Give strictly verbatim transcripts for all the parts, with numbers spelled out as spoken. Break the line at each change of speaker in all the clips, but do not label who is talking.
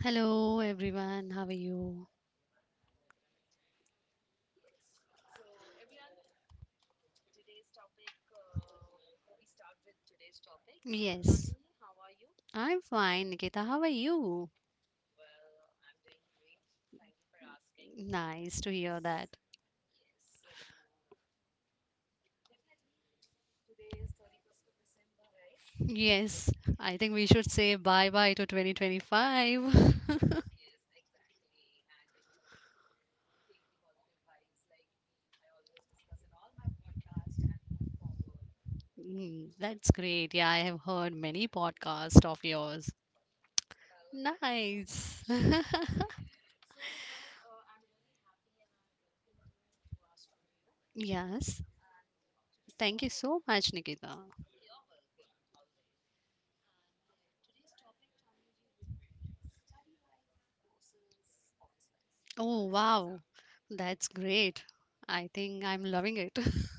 Hello, everyone, how are you? Yes. I'm fine, Nikita. How are you? Nice to hear that. Yes, I think we should say bye bye to twenty twenty-five. Mm, that's great. Yeah, I have heard many podcasts of yours. Nice. Yes. Thank you so much, Nikita. Oh, wow. That's great. I think I'm loving it.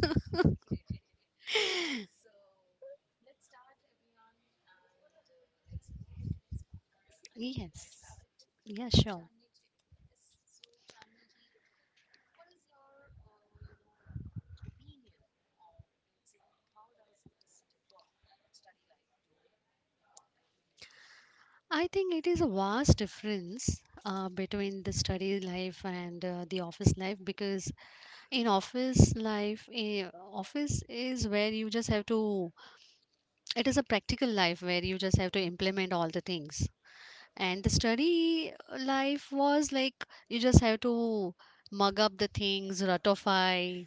Yes. Yeah, sure. I think it is a vast difference uh, between the study life and uh, the office life, because in office life, eh, office is where you just have to, it is a practical life where you just have to implement all the things, and the study uh, life was like, you just have to mug up the things, ratify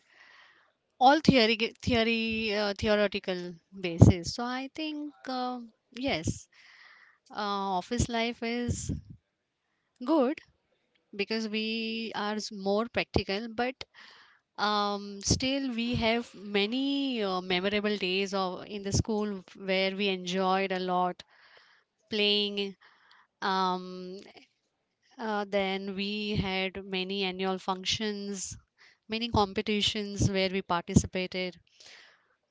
all theory theory uh, theoretical basis. So I think uh, yes, uh, office life is good because we are s- more practical. But um, still we have many uh, memorable days of in the school where we enjoyed a lot playing. Um, uh, then we had many annual functions, many competitions where we participated.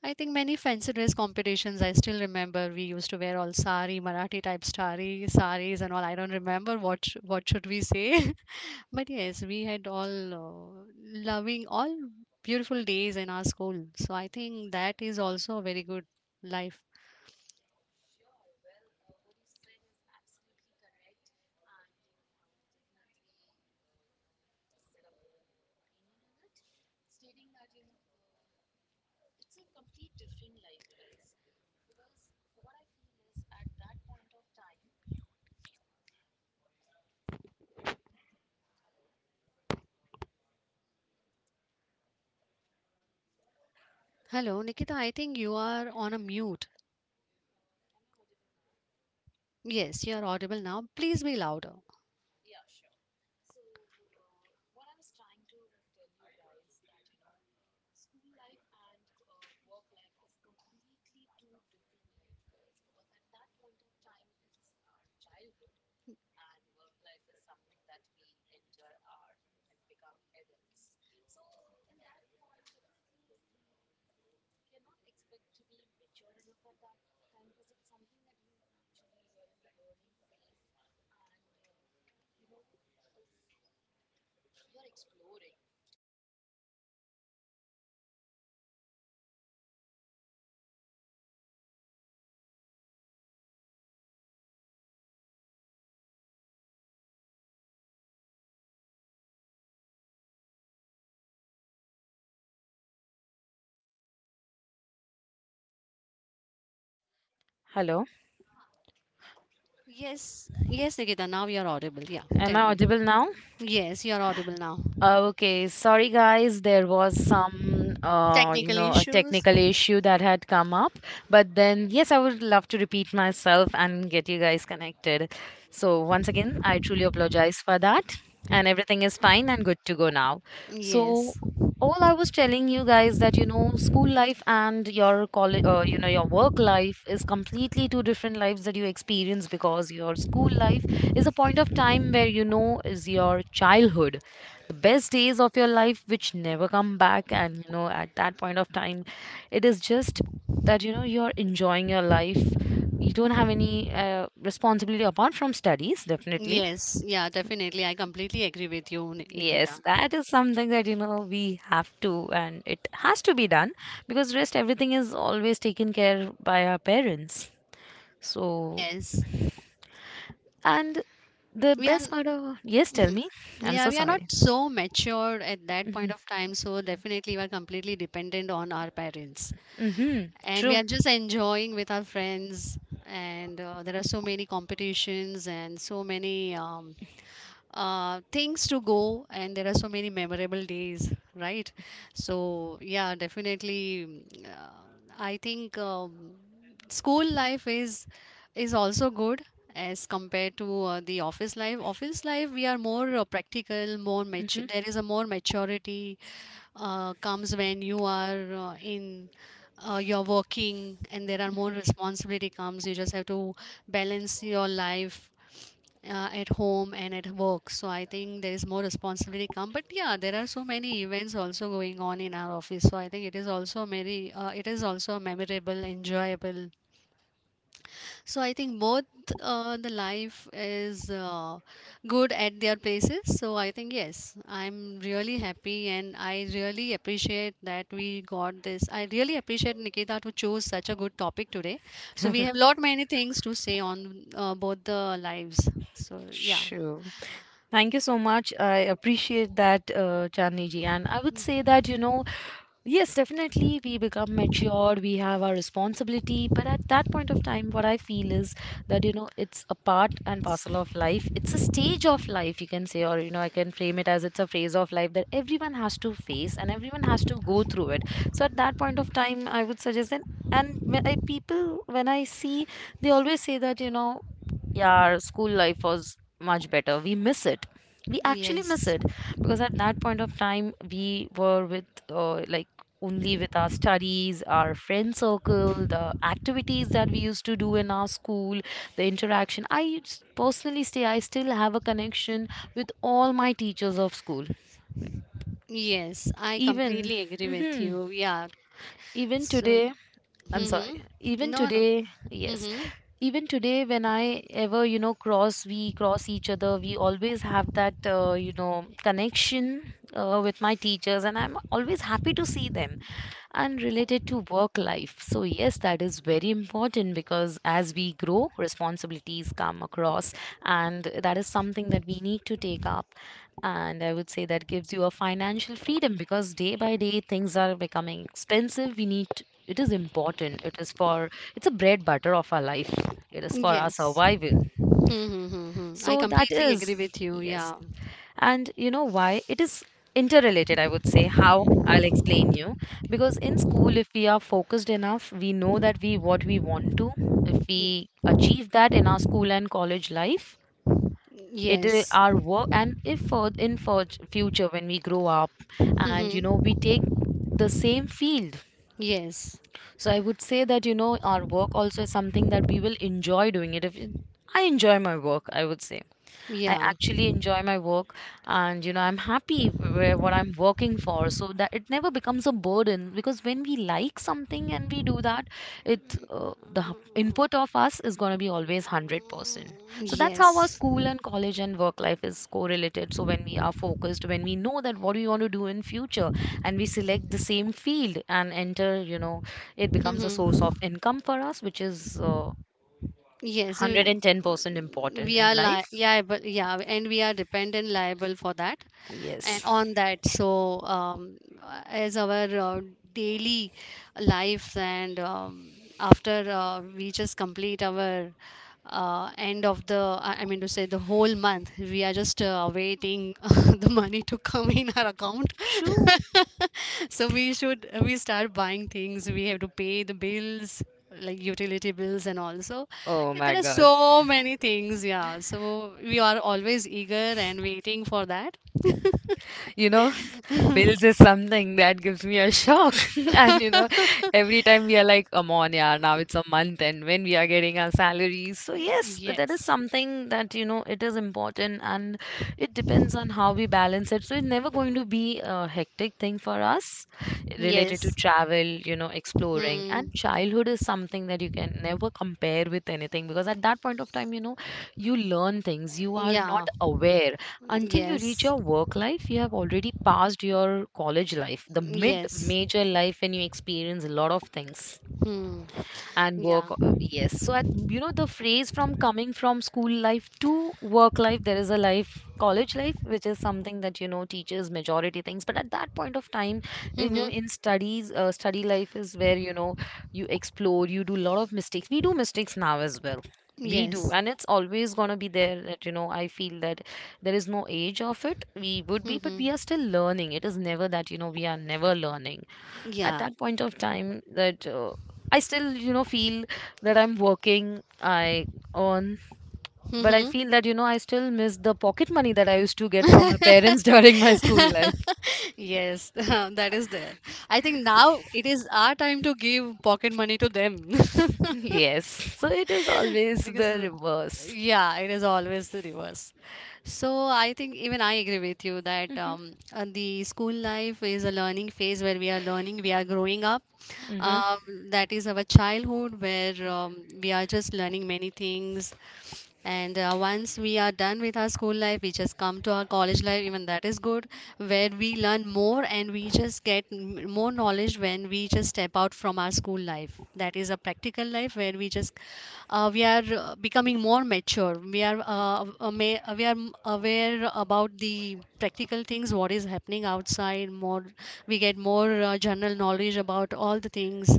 I think many fancy dress competitions. I still remember we used to wear all sari, Marathi type sari, saris and all. I don't remember what sh- what should we say, but yes, we had all uh, loving all beautiful days in our school. So I think that is also a very good life. Hello, Nikita. I think you are on a mute. Yes, you are audible now. Please be louder.
Hello,
Yes, yes, Nikita, now you're audible. Yeah,
am
tell
I
me.
audible now?
Yes, you're audible now.
Okay, sorry guys, there was some, uh, you
Technical
know, a
issues.
technical issue that had come up. But then, yes, I would love to repeat myself and get you guys connected. So, once again, I truly apologize for that. And everything is fine and good to go now. So,
Yes,
all I was telling you guys that, you know, school life and your college, uh, you know, your work life is completely two different lives that you experience. Because your school life is a point of time where, you know, is your childhood, the best days of your life which never come back. And you know at that point of time, it is just that you know you're enjoying your life. You don't have any uh, responsibility apart from studies, definitely.
yes, yeah, definitely. I completely agree with you, Ni- Nikita.
Yes, that is something that you know we have to, and it has to be done, because rest everything is always taken care by our parents. So,
Yes,
and the
we are.
best part of, yes, tell
Mhm.
me. I'm
Yeah,
so
we are not
sorry.
so matured at that point of time, so definitely we are completely dependent on our parents.
Mm-hmm,
And we
true.
are just enjoying with our friends, and uh, there are so many competitions and so many um, uh, things to go, and there are so many memorable days, right? So yeah, definitely. mm, uh, I think um, school life is is also good as compared to uh, the office life. Office life, we are more uh, practical, more mature.
Mm-hmm.
There is a more maturity uh, comes when you are uh, in uh, you're working, and there are more responsibility comes. You just have to balance your life uh, at home and at work. So I think there is more responsibility come, but yeah, there are so many events also going on in our office, so I think it is also very uh, it is also a memorable, enjoyable. So I think both uh, the life is uh, good at their places. So I think yes, I'm really happy and I really appreciate that we got this. I really appreciate Nikita to choose such a good topic today. So we have lot many things to say on uh, both the lives. So yeah.
Sure. Thank you so much. I appreciate that, uh, Chandni ji. And I would say that, you know, yes, definitely we become matured, we have our responsibility. But at that point of time, what I feel is that, you know, it's a part and parcel of life. It's a stage of life, you can say, or, you know, I can frame it as it's a phase of life that everyone has to face and everyone has to go through it. So at that point of time, I would suggest that. And when I, people, when I see, they always say that, you know, yeah, our school life was much better. We miss it. We actually miss
Yes.
it, because at that point of time, we were with uh, like only with our studies, our friend circle, the activities that we used to do in our school, the interaction. I s- personally say I still have a connection with all my teachers of school.
Yes, I
Even,
completely agree with
hmm,
you. Yeah.
even
So,
today, I'm sorry,
mm-hmm.
even
No, no.
today, yes,
Mm-hmm.
even today when i ever you know cross we cross each other, we always have that uh, you know connection uh, with my teachers, and I'm always happy to see them. And related to work life. So, yes, that is very important because as we grow, responsibilities come across, and that is something that we need to take up. And I would say that gives you a financial freedom because day by day things are becoming expensive. We need to- it is important. It is for, it's a bread butter of our life. It is for our
Yes.
survival.
Hmm, hmm, hmm, hmm. I
So that
completely agree
is,
with you.
yes.
Yeah.
And you know why it is interrelated, I would say, how I'll explain you. Because in school, if we are focused enough, we know that we what we want to. If we achieve that in our school and college life, it i-
Yes.
our work, and if for in for future when we grow up, and you know
Hmm.
we take the same field,
Yes.
so I would say that you know our work also is something that we will enjoy doing it. If it- I enjoy my work, I would say. I
Yeah.
actually enjoy my work, and you know I'm happy where what I'm working for, so that it never becomes a burden. Because when we like something and we do that, it uh, the h- input of us is going to be always one hundred percent. So that's how our
Yes.
school and college and work life is correlated. So when we are focused, when we know that what we want to do in future, and we select the same field and enter, you know it becomes a source of
Hmm.
income for us, which is uh,
Yes. uh,
one hundred ten percent important
We
in
are li-
life.
yeah, but yeah, and we are dependent liable for that and
Yes.
on that. So, um, as our uh, daily life, and um, after uh, we just complete our uh, end of the, i I mean to say, the whole month, we are just uh, waiting the money to come in our account.
True.
so we should, we start buying things, we have to pay the bills like utility bills, and also
Oh
yeah,
my
there are
God.
so many things, yeah, so we are always eager and waiting for that.
You know, bills is something that gives me a shock. And you know, every time we are like, come on, yeah, now it's a month and when we are getting our salaries. So, yes, that is
yes,
something that, you know, it is important, and it depends on how we balance it. So, it's never going to be a hectic thing for us related to
yes,
travel, you know, exploring.
hmm,
And childhood is something that you can never compare with anything, because at that point of time, you know, you learn things you are not
yeah,
aware. Until you reach
yes,
your work life, you have already passed your college life, the mid
yes,
major life, when you experience a lot of things.
hmm,
And work
yeah.
uh, yes, so at, you know the phrase from coming from school life to work life, there is a life college life, which is something that you know teaches majority things. But at that point of time, you know
Mm-hmm.
in studies, uh, study life is where you know you explore, you do a lot of mistakes. We do mistakes now as well, we do.
Yes.
And it's always going to be there that you know I feel that there is no age of it. We would be, but
Mm-hmm.
we are still learning. It is never that you know we are never learning at
Yeah.
that point of time. That uh, I still, you know, feel that I'm working, I earn, but I
Mm-hmm.
feel that, you know, I still miss the pocket money that I used to get from my parents during my school life.
Yes, that is there. I think now it is our time to give pocket money to them.
Yes. So it is always
Because,
the
uh,
reverse.
yeah, it is always the reverse. So I think even I agree with you that um, uh, the school life is a learning phase where we are learning, we are growing up.
Hmm.
Um, that is our childhood where um, we are just learning many things. And uh, once we are done with our school life, we just come to our college life, even that is good, where we learn more more and we just get m- more knowledge when we just step out from our school life, that is a practical life where we just uh, we are uh, becoming more mature, we are uh, ama- uh, we are m- aware about the practical things what is happening outside. More, we get more uh, general knowledge about all the things.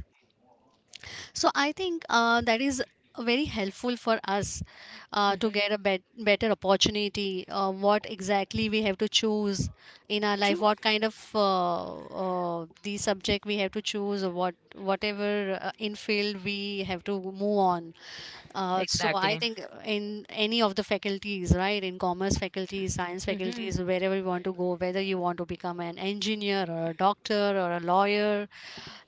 So I think uh, that is very helpful for us uh, to get a bet- better opportunity. Uh, what exactly we have to choose in our life? What kind of uh, uh, the subject we have to choose? Or what whatever uh, in field we have to move on.
uh,
Uh, so I
Exactly.
think in any of the faculties, right? In commerce faculties, science faculties, wherever you want to go, whether you want to become an engineer or a doctor or a lawyer,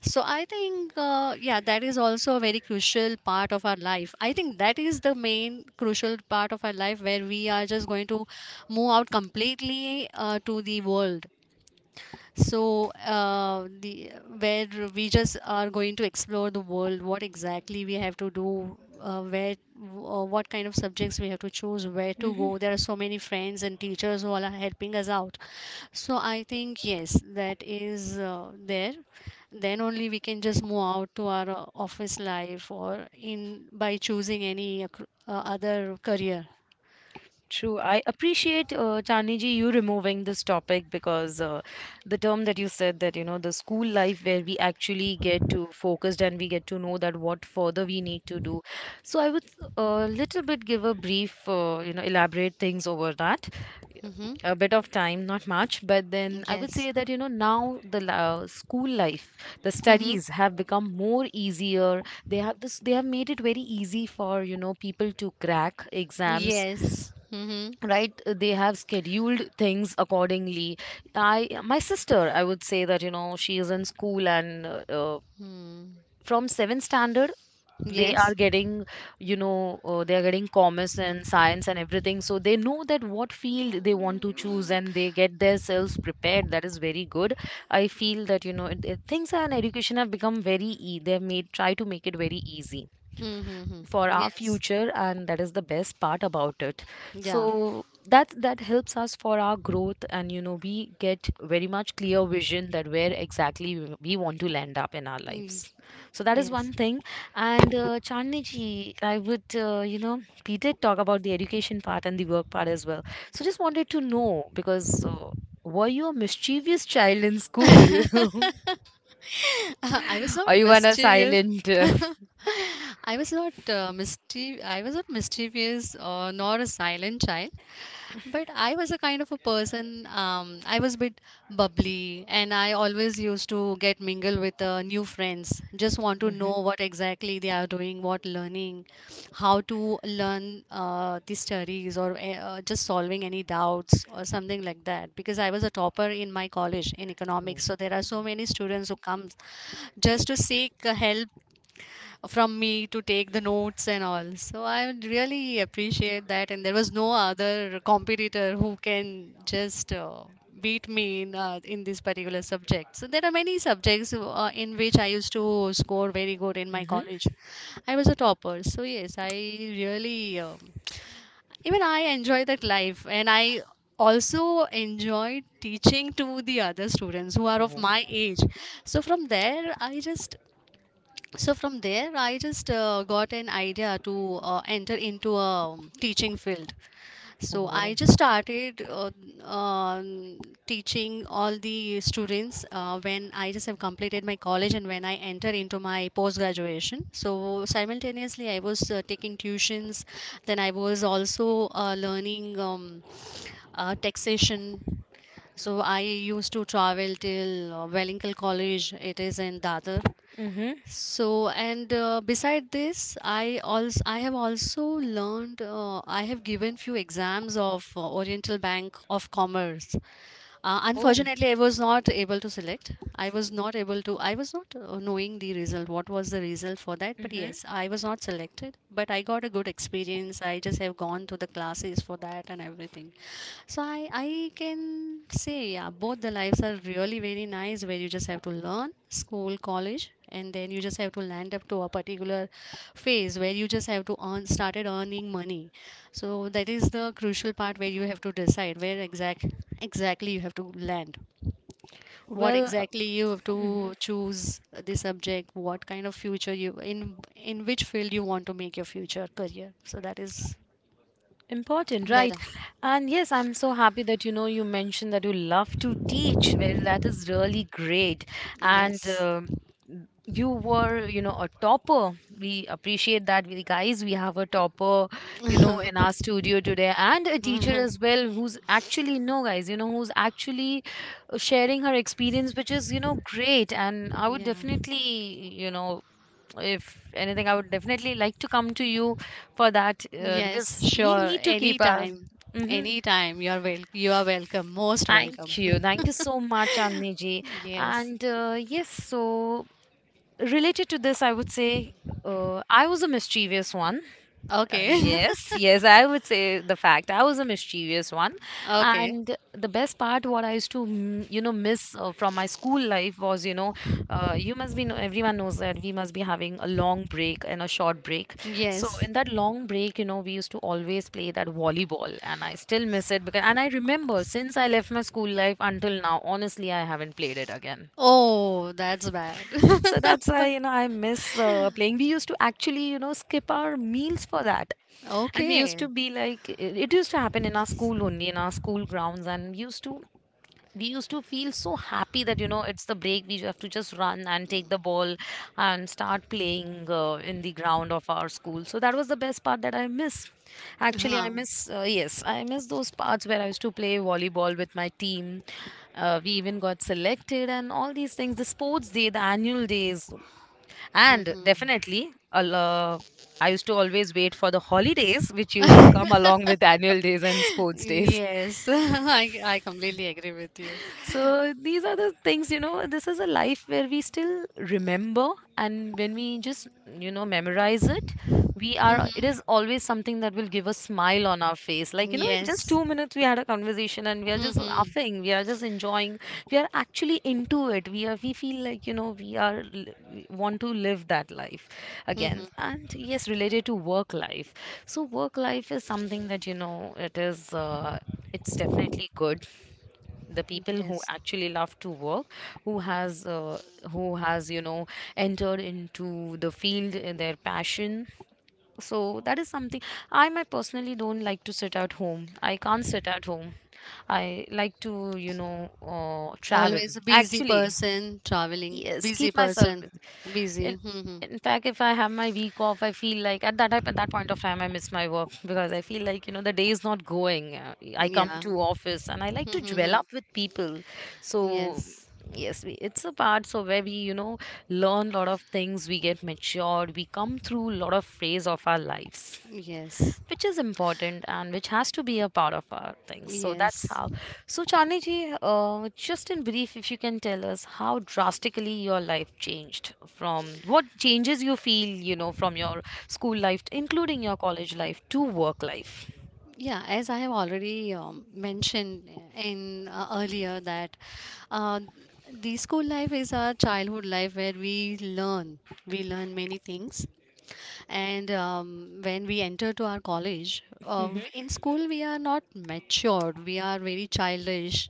so I think, uh, yeah, that is also a very crucial part of our life. I think that is the main crucial part of our life where we are just going to move out completely uh, to the world, so, uh, the where we just are going to explore the world, what exactly we have to do, uh, where, uh, what kind of subjects we have to choose, where to go. There are so many friends and teachers who all are helping us out. So I think yes, that is uh, there. Then only we can just move out to our uh, office life, or in by choosing any acc- uh, other career.
True. I appreciate, uh, Chandni, you removing this topic, because uh, the term that you said that, you know, the school life where we actually get to focused and we get to know that what further we need to do. So I would a little bit give a brief, uh, you know, elaborate things over that.
Hmm.
A bit of time, not much, but then I would
Yes.
say that, you know, now the la- school life, the
Mm-hmm.
studies have become more easier. They have this, they have made it very easy for, you know, people to crack exams,
Yes. Mm-hmm.
right? They have scheduled things accordingly. I my sister I would say that you know she is in school, and uh, uh,
Hmm.
from seventh standard they
Yes.
are
Mm,
getting, you know uh, they are getting commerce and science and everything, so they know that what field they want to choose and they get themselves prepared. That is very good. I feel that you know it, it- things and education have become very e-, they have made try to make it very easy
mm-hmm. Hmm.
for our
Yes.
future, and that is the best part about it.
Yeah.
So that that helps us for our growth, and you know we get very much clear vision that where exactly we we want to land up in our lives.
Mm,
So
uh,
that is
yes.
one thing. And uh, Chandni ji, I would uh, you know we did talk about the education part and the work part as well, so just wanted to know, because uh, were you a mischievous child in school?
I was not
Or you were a
mischievous.
silent?
I was not uh, mischief. I was not mischievous or nor a silent child, but I was a kind of a person. Um, I was a bit bubbly, and I always used to get mingle with uh, new friends. Just want to know what exactly they are doing, what learning, how to learn uh, the studies, or eh, uh, just solving any doubts or something like that. Because I was a topper in my college in economics, so there are so many students who come just to seek uh, help from me to take the notes and all. So I would really appreciate that. And there was no other competitor who can just uh, beat me in uh, in this particular subject. So there are many subjects uh, in which I used to score very good in my
Mm-hmm.
college. I was a topper. So yes, I really um, even I enjoy that life, and I also enjoyed teaching to the other students who are of my age. So from there I just so from there i just uh, got an idea to uh, enter into a um, teaching field. So I just started uh, um, teaching all the students uh, when I just have completed my college, and when I enter into my post graduation. So simultaneously I was uh, taking tuitions. Then I was also uh, learning um, uh, taxation. So I used to travel till uh, Wellinkal College, it is in Dadar.
Mm-hmm.
So, and uh, beside this, I also I have also learned uh, I have given few exams of uh, Oriental Bank of Commerce. Uh, unfortunately, I was not able to select. I was not able to. I was not uh, knowing the result. What was the result for that? But
Mm-hmm.
yes, I was not selected. But I got a good experience. I just have gone to the classes for that and everything. So I I can say yeah, both the lives are really very nice, where you just have to learn school, college, and then you just have to land up to a particular phase where you just have to earn, started earning money. So that is the crucial part where you have to decide where exact exactly you have to land. What
Well, uh,
exactly you have
mhm.
to choose the subject, what kind of future you in in which field you want to make your future career. So that is
Important, right?
there.
And yes, I'm so happy that you know you mentioned that you love to teach. Well, that is really great. And
Yes.
um you were, you know, a topper. We appreciate that, we guys. We have a topper, you know, in our studio today, and a teacher as well who's actually, no, guys, you know, who's actually uh, sharing her experience, which is, you know, great. And I would
Yeah.
definitely, you know, if anything, I would definitely like to come to you for that uh,
Yes,
because we
sure.
need to keep our.
Anytime.
Hmm.
Anytime. You're wel you are welcome. Most welcome.
Thank you. Thank you so much, Chandni ji.
Yes.
And uh, yes, so related to this, I would say uh, I was a mischievous one. Uh,
Okay.
Yes, yes, I would say the fact I was a mischievous one,
Okay.
and the best part what I used to mm, you know miss uh, from my school life was, you know uh, you must be know, everyone knows that we must be having a long break and a short break. So
Yes.
in that long break, you know, we used to always play that volleyball, and I still miss it because, and I remember since I left my school life until now, honestly, I haven't played it again.
Oh, that's bad.
So that's why,
But
you know, I miss uh, playing. We used to actually, you know, skip our meals for that. And we used
okay.
to be like, it it used to happen in our school only, in our school grounds. And we used to we used to feel so happy that, you know, it's the break. We have to just run and take the ball and start playing uh, in the ground of our school. So that was the best part that I miss. Actually, I
Huh.
miss uh, yes, I miss those parts where I used to play volleyball with my team. Uh, we even got selected and all these things, the sports day, the annual days, and
Mhm.
definitely a lo- I used to always wait for the holidays which used to come along with annual days and sports days.
Yes, I, I completely agree with you.
So these are the things, you know, this is a life where we still remember. And when we just, you know, memorize it, we are it
Mhm.
is always something that will give a smile on our face, like, you know, in just
Yes.
two minutes we had a conversation and we are just
Mhm.
laughing, we are just enjoying. We are actually into it. We are we feel like, you know, we are li- we want to live that life again.
Mhm.
And yes, related to work life. So work life is something that, you know, it is, uh, it's definitely good. The people who
Yes.
actually love to work, who has uh, who has, you know, entered into the field in their passion, so that is something. I, my personally, don't like to sit at home. I can't sit at home. I like to, you know, uh, travel
Always a busy
actually.
person, traveling,
Yes,
busy
keep myself
person, busy.
in
Mhm.
in fact, if I have my week off, I feel like at that type- at that point of time I miss my work, because I feel like, you know, the day is not going. Uh, I come
Yeah.
to office and I like to dwell
Mhm.
up with people. So
Yes.
yes, we, it's a part, so where we, you know, learn a lot of things, we get matured, we come through a lot of phase of our lives,
Yes.
which is important and which has to be a part of our things. So that's
Yes.
how. So Chandni ji, uh, just in brief, if you can tell us how drastically your life changed, from what changes you feel, you know, from your school life, including your college life, to work life.
Yeah, as I have already um, mentioned eh, in uh, earlier that uh, the school life is our childhood life where we learn. We learn many things, and um, when we enter to our college, uh,
Mm-hmm.
in school we are not matured. We are very childish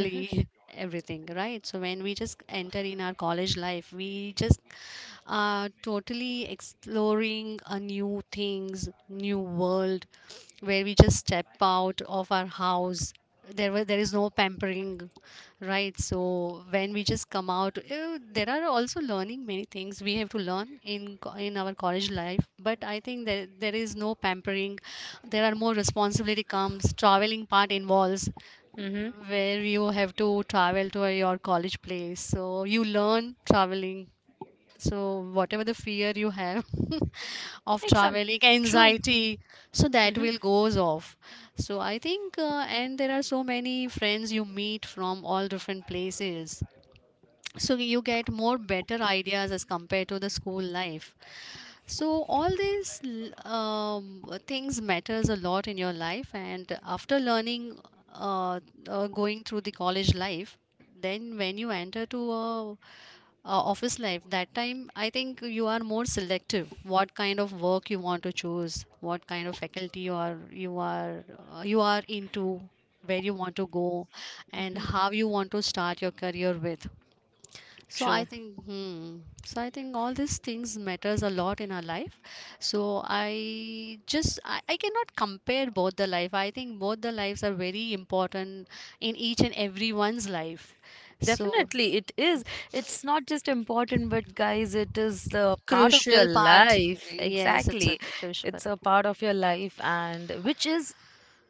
Mm-hmm.
everything, right? So when we just enter in our college life, we just are totally exploring a new things, new world, where we just step out of our house. There was there is no pampering, right? So when we just come out, eh, there are also learning many things we have to learn in co- in our college life, but I think that there is no pampering. There are more responsibility comes, traveling part involves,
Mm-hmm.
where you have to travel to your college place, so you learn traveling. So whatever the fear you have of
Exam.
traveling,
True.
anxiety, so that
Mm-hmm.
will goes off. So I think, uh, and there are so many friends you meet from all different places, so you get more better ideas as compared to the school life. So all these l- um, things matters a lot in your life, and after learning, uh, uh, going through the college life, then when you enter to a, a office life, that time I think you are more selective. What kind of work you want to choose, what kind of faculty you are you are uh, you are into, where you want to go, and how you want to start your career with. So I
True.
think, hmm, so I think all these things matters a lot in our life. So I just I, I cannot compare both the life. I think both the lives are very important in each and everyone's life. So
Definitely, it is. It's not just important, but guys, it is the part of
crucial
your
part,
life.
yes, it's a
Exactly.
c- crucial part.
It's a part of your life, and which is,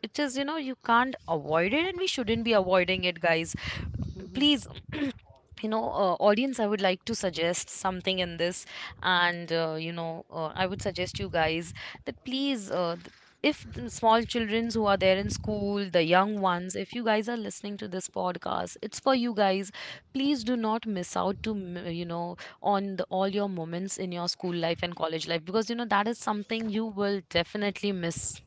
it is, you know, you can't avoid it, and we shouldn't be avoiding it, guys.
Mhm.
Please, you know, uh, audience, I would like to suggest something in this. And uh, you know, uh, I would suggest you guys that please, uh, th- if the small children who are there in school, the young ones, if you guys are listening to this podcast, it's for you guys, please do not miss out to m- you know, on the, all your moments in your school life and college life, because, you know, that is something you will definitely miss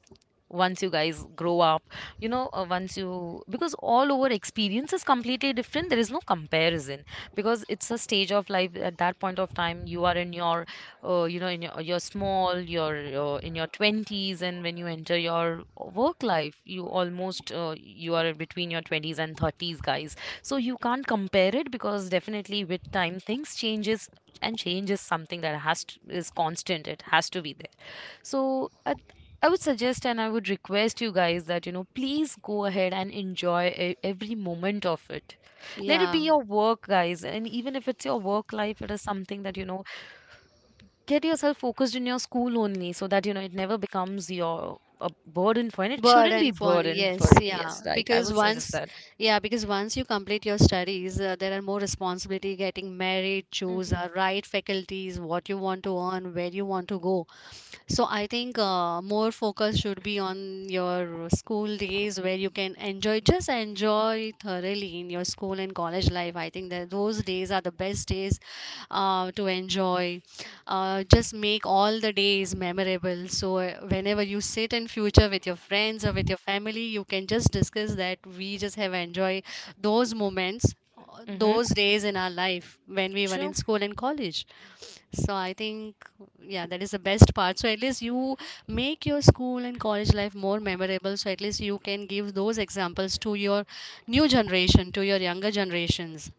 once you guys grow up. You know, uh, once you, because all over experience is completely different, there is no comparison, because it's a stage of life. At that point of time you are in your, uh, you know, in your your small your, uh, in your twenties, and when you enter your work life, you almost uh, you are between your twenties and thirties, guys. So you can't compare it, because definitely with time things changes, and change is something that has to, is constant, it has to be there. So I, I would suggest, and I would request you guys that, you know, please go ahead and enjoy e- every moment of it. Let it
Yeah.
be your work, guys. And even if it's your work life, it is something that, you know, get yourself focused in your school only, so that, you know, it never becomes your a burden for, and it shouldn't be
Burden phone,
burden for,
yes,
yes,
yeah.
right. I
Because
would suggest
once,
that.
yeah, because once you complete your studies, uh, there are more responsibility, getting married, choose
Hmm.
the right faculties, what you want to earn, where you want to go. So I think uh, more focus should be on your school days where you can enjoy, just enjoy thoroughly in your school and college life. I think that those days are the best days uh, to enjoy. Uh, just make all the days memorable. So uh, whenever you sit in future with your friends or with your family, you can just discuss that we just have enjoy those moments, uh,
Mm-hmm.
those days in our life when we were
True.
in school and college. So I think, yeah, that is the best part. So at least you make your school and college life more memorable. So at least you can give those examples to your new generation, to your younger generations,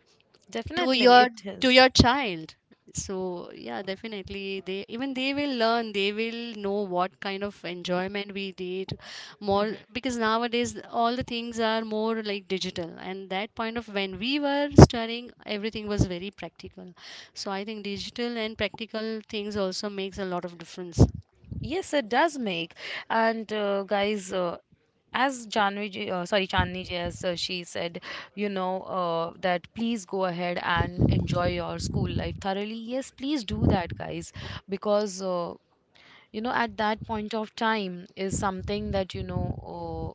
to
Definitely,
your
it
to
is.
your child. So yeah, definitely, they, even they will learn, they will know what kind of enjoyment we did more,
Mm-hmm.
because nowadays all the things are more like digital, and that point of when we were studying, everything was very practical. So I think digital and practical things also makes a lot of difference.
Yes, it does make. And uh, guys, uh, as Janvi, ji- uh, sorry, Chandni ji, as uh, she said, you know, uh, that please go ahead and enjoy your school life thoroughly. Yes, please do that, guys, because uh, you know, at that point of time, is something that, you know, uh,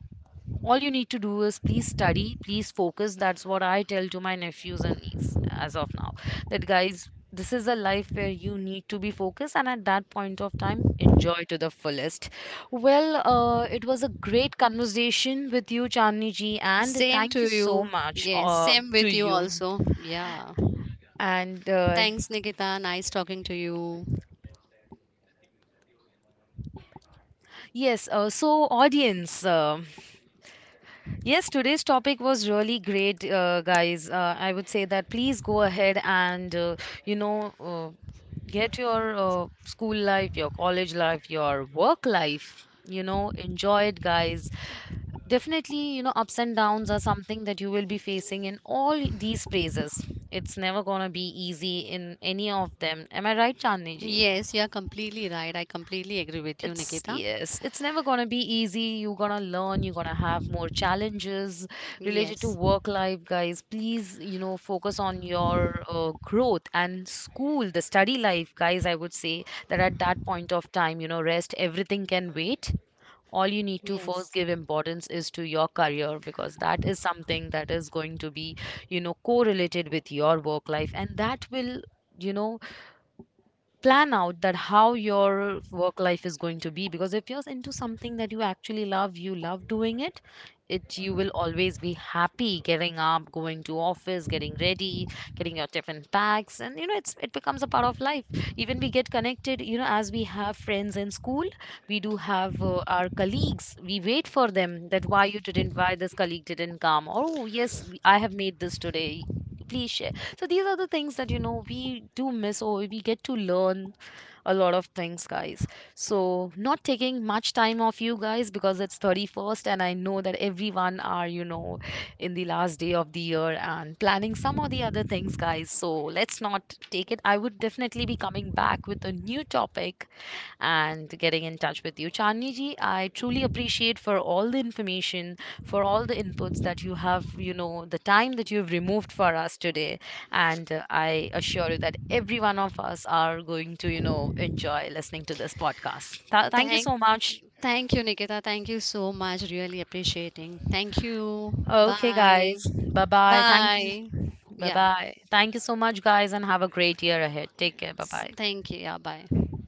all you need to do is please study, please focus. That's what I tell to my nephews and niece as of now, that guys, this is a life where you need to be focused, and at that point of time enjoy to the fullest. Well, uh, it was a great conversation with you, Chandni ji, and
Same
thank
to
you so
you.
much
Yes,
uh,
same
to
with you
you.
also. Yeah,
And uh,
thanks, Nikita, nice talking to you.
yes, uh, so audience, uh, yes, today's topic was really great, uh, guys, uh, I would say that please go ahead and uh, you know, uh, get your uh, school life, your college life, your work life. You know, enjoy it, guys. Definitely, you know, ups and downs are something that you will be facing in all these phases. It's never gonna be easy in any of them. Am I right, Chandni ji?
Yes, you are completely right. I completely agree with you,
It's
Nikita.
yes, it's never gonna be easy. You're gonna learn, you're gonna have more challenges related to
Yes,
work life, guys. Please, you know, focus on your uh, growth and school, the study life, guys. I would say that at that point of time, you know, rest, everything can wait. All you need to first
yes.
give importance is to your career, because that is something that is going to be, you know, correlated with your work life, and that will, you know, plan out that how your work life is going to be. Because if you're into something that you actually love, you love doing it, it you will always be happy getting up, going to office, getting ready, getting your tiffin packs, and you know, it's it becomes a part of life. Even we get connected, you know, as we have friends in school, we do have uh, our colleagues, we wait for them, that why you didn't, why this colleague didn't come, oh yes, I have made this today, please share. So these are the things that, you know, we do miss or we get to learn a lot of things, guys. So not taking much time off you guys, because it's thirty-first and I know that everyone are, you know, in the last day of the year and planning some or the other things, guys. So let's not take it. I would definitely be coming back with a new topic and getting in touch with you. Chandni ji, I truly appreciate for all the information, for all the inputs that you have, you know, the time that you've removed for us today. And uh, I assure you that every one of us are going to, you know, enjoy listening to this podcast. Th- thank you
Thank,
so much.
thank you, Nikita. Thank you so much. Really appreciating. Thank you.
Okay,
Bye.
guys. Bye bye. Thank you.
Bye.
Bye
Yeah.
bye. Thank you so much, guys, and have a great year ahead. Take care. Bye
Minutes.
bye.
Thank you. Yeah, bye.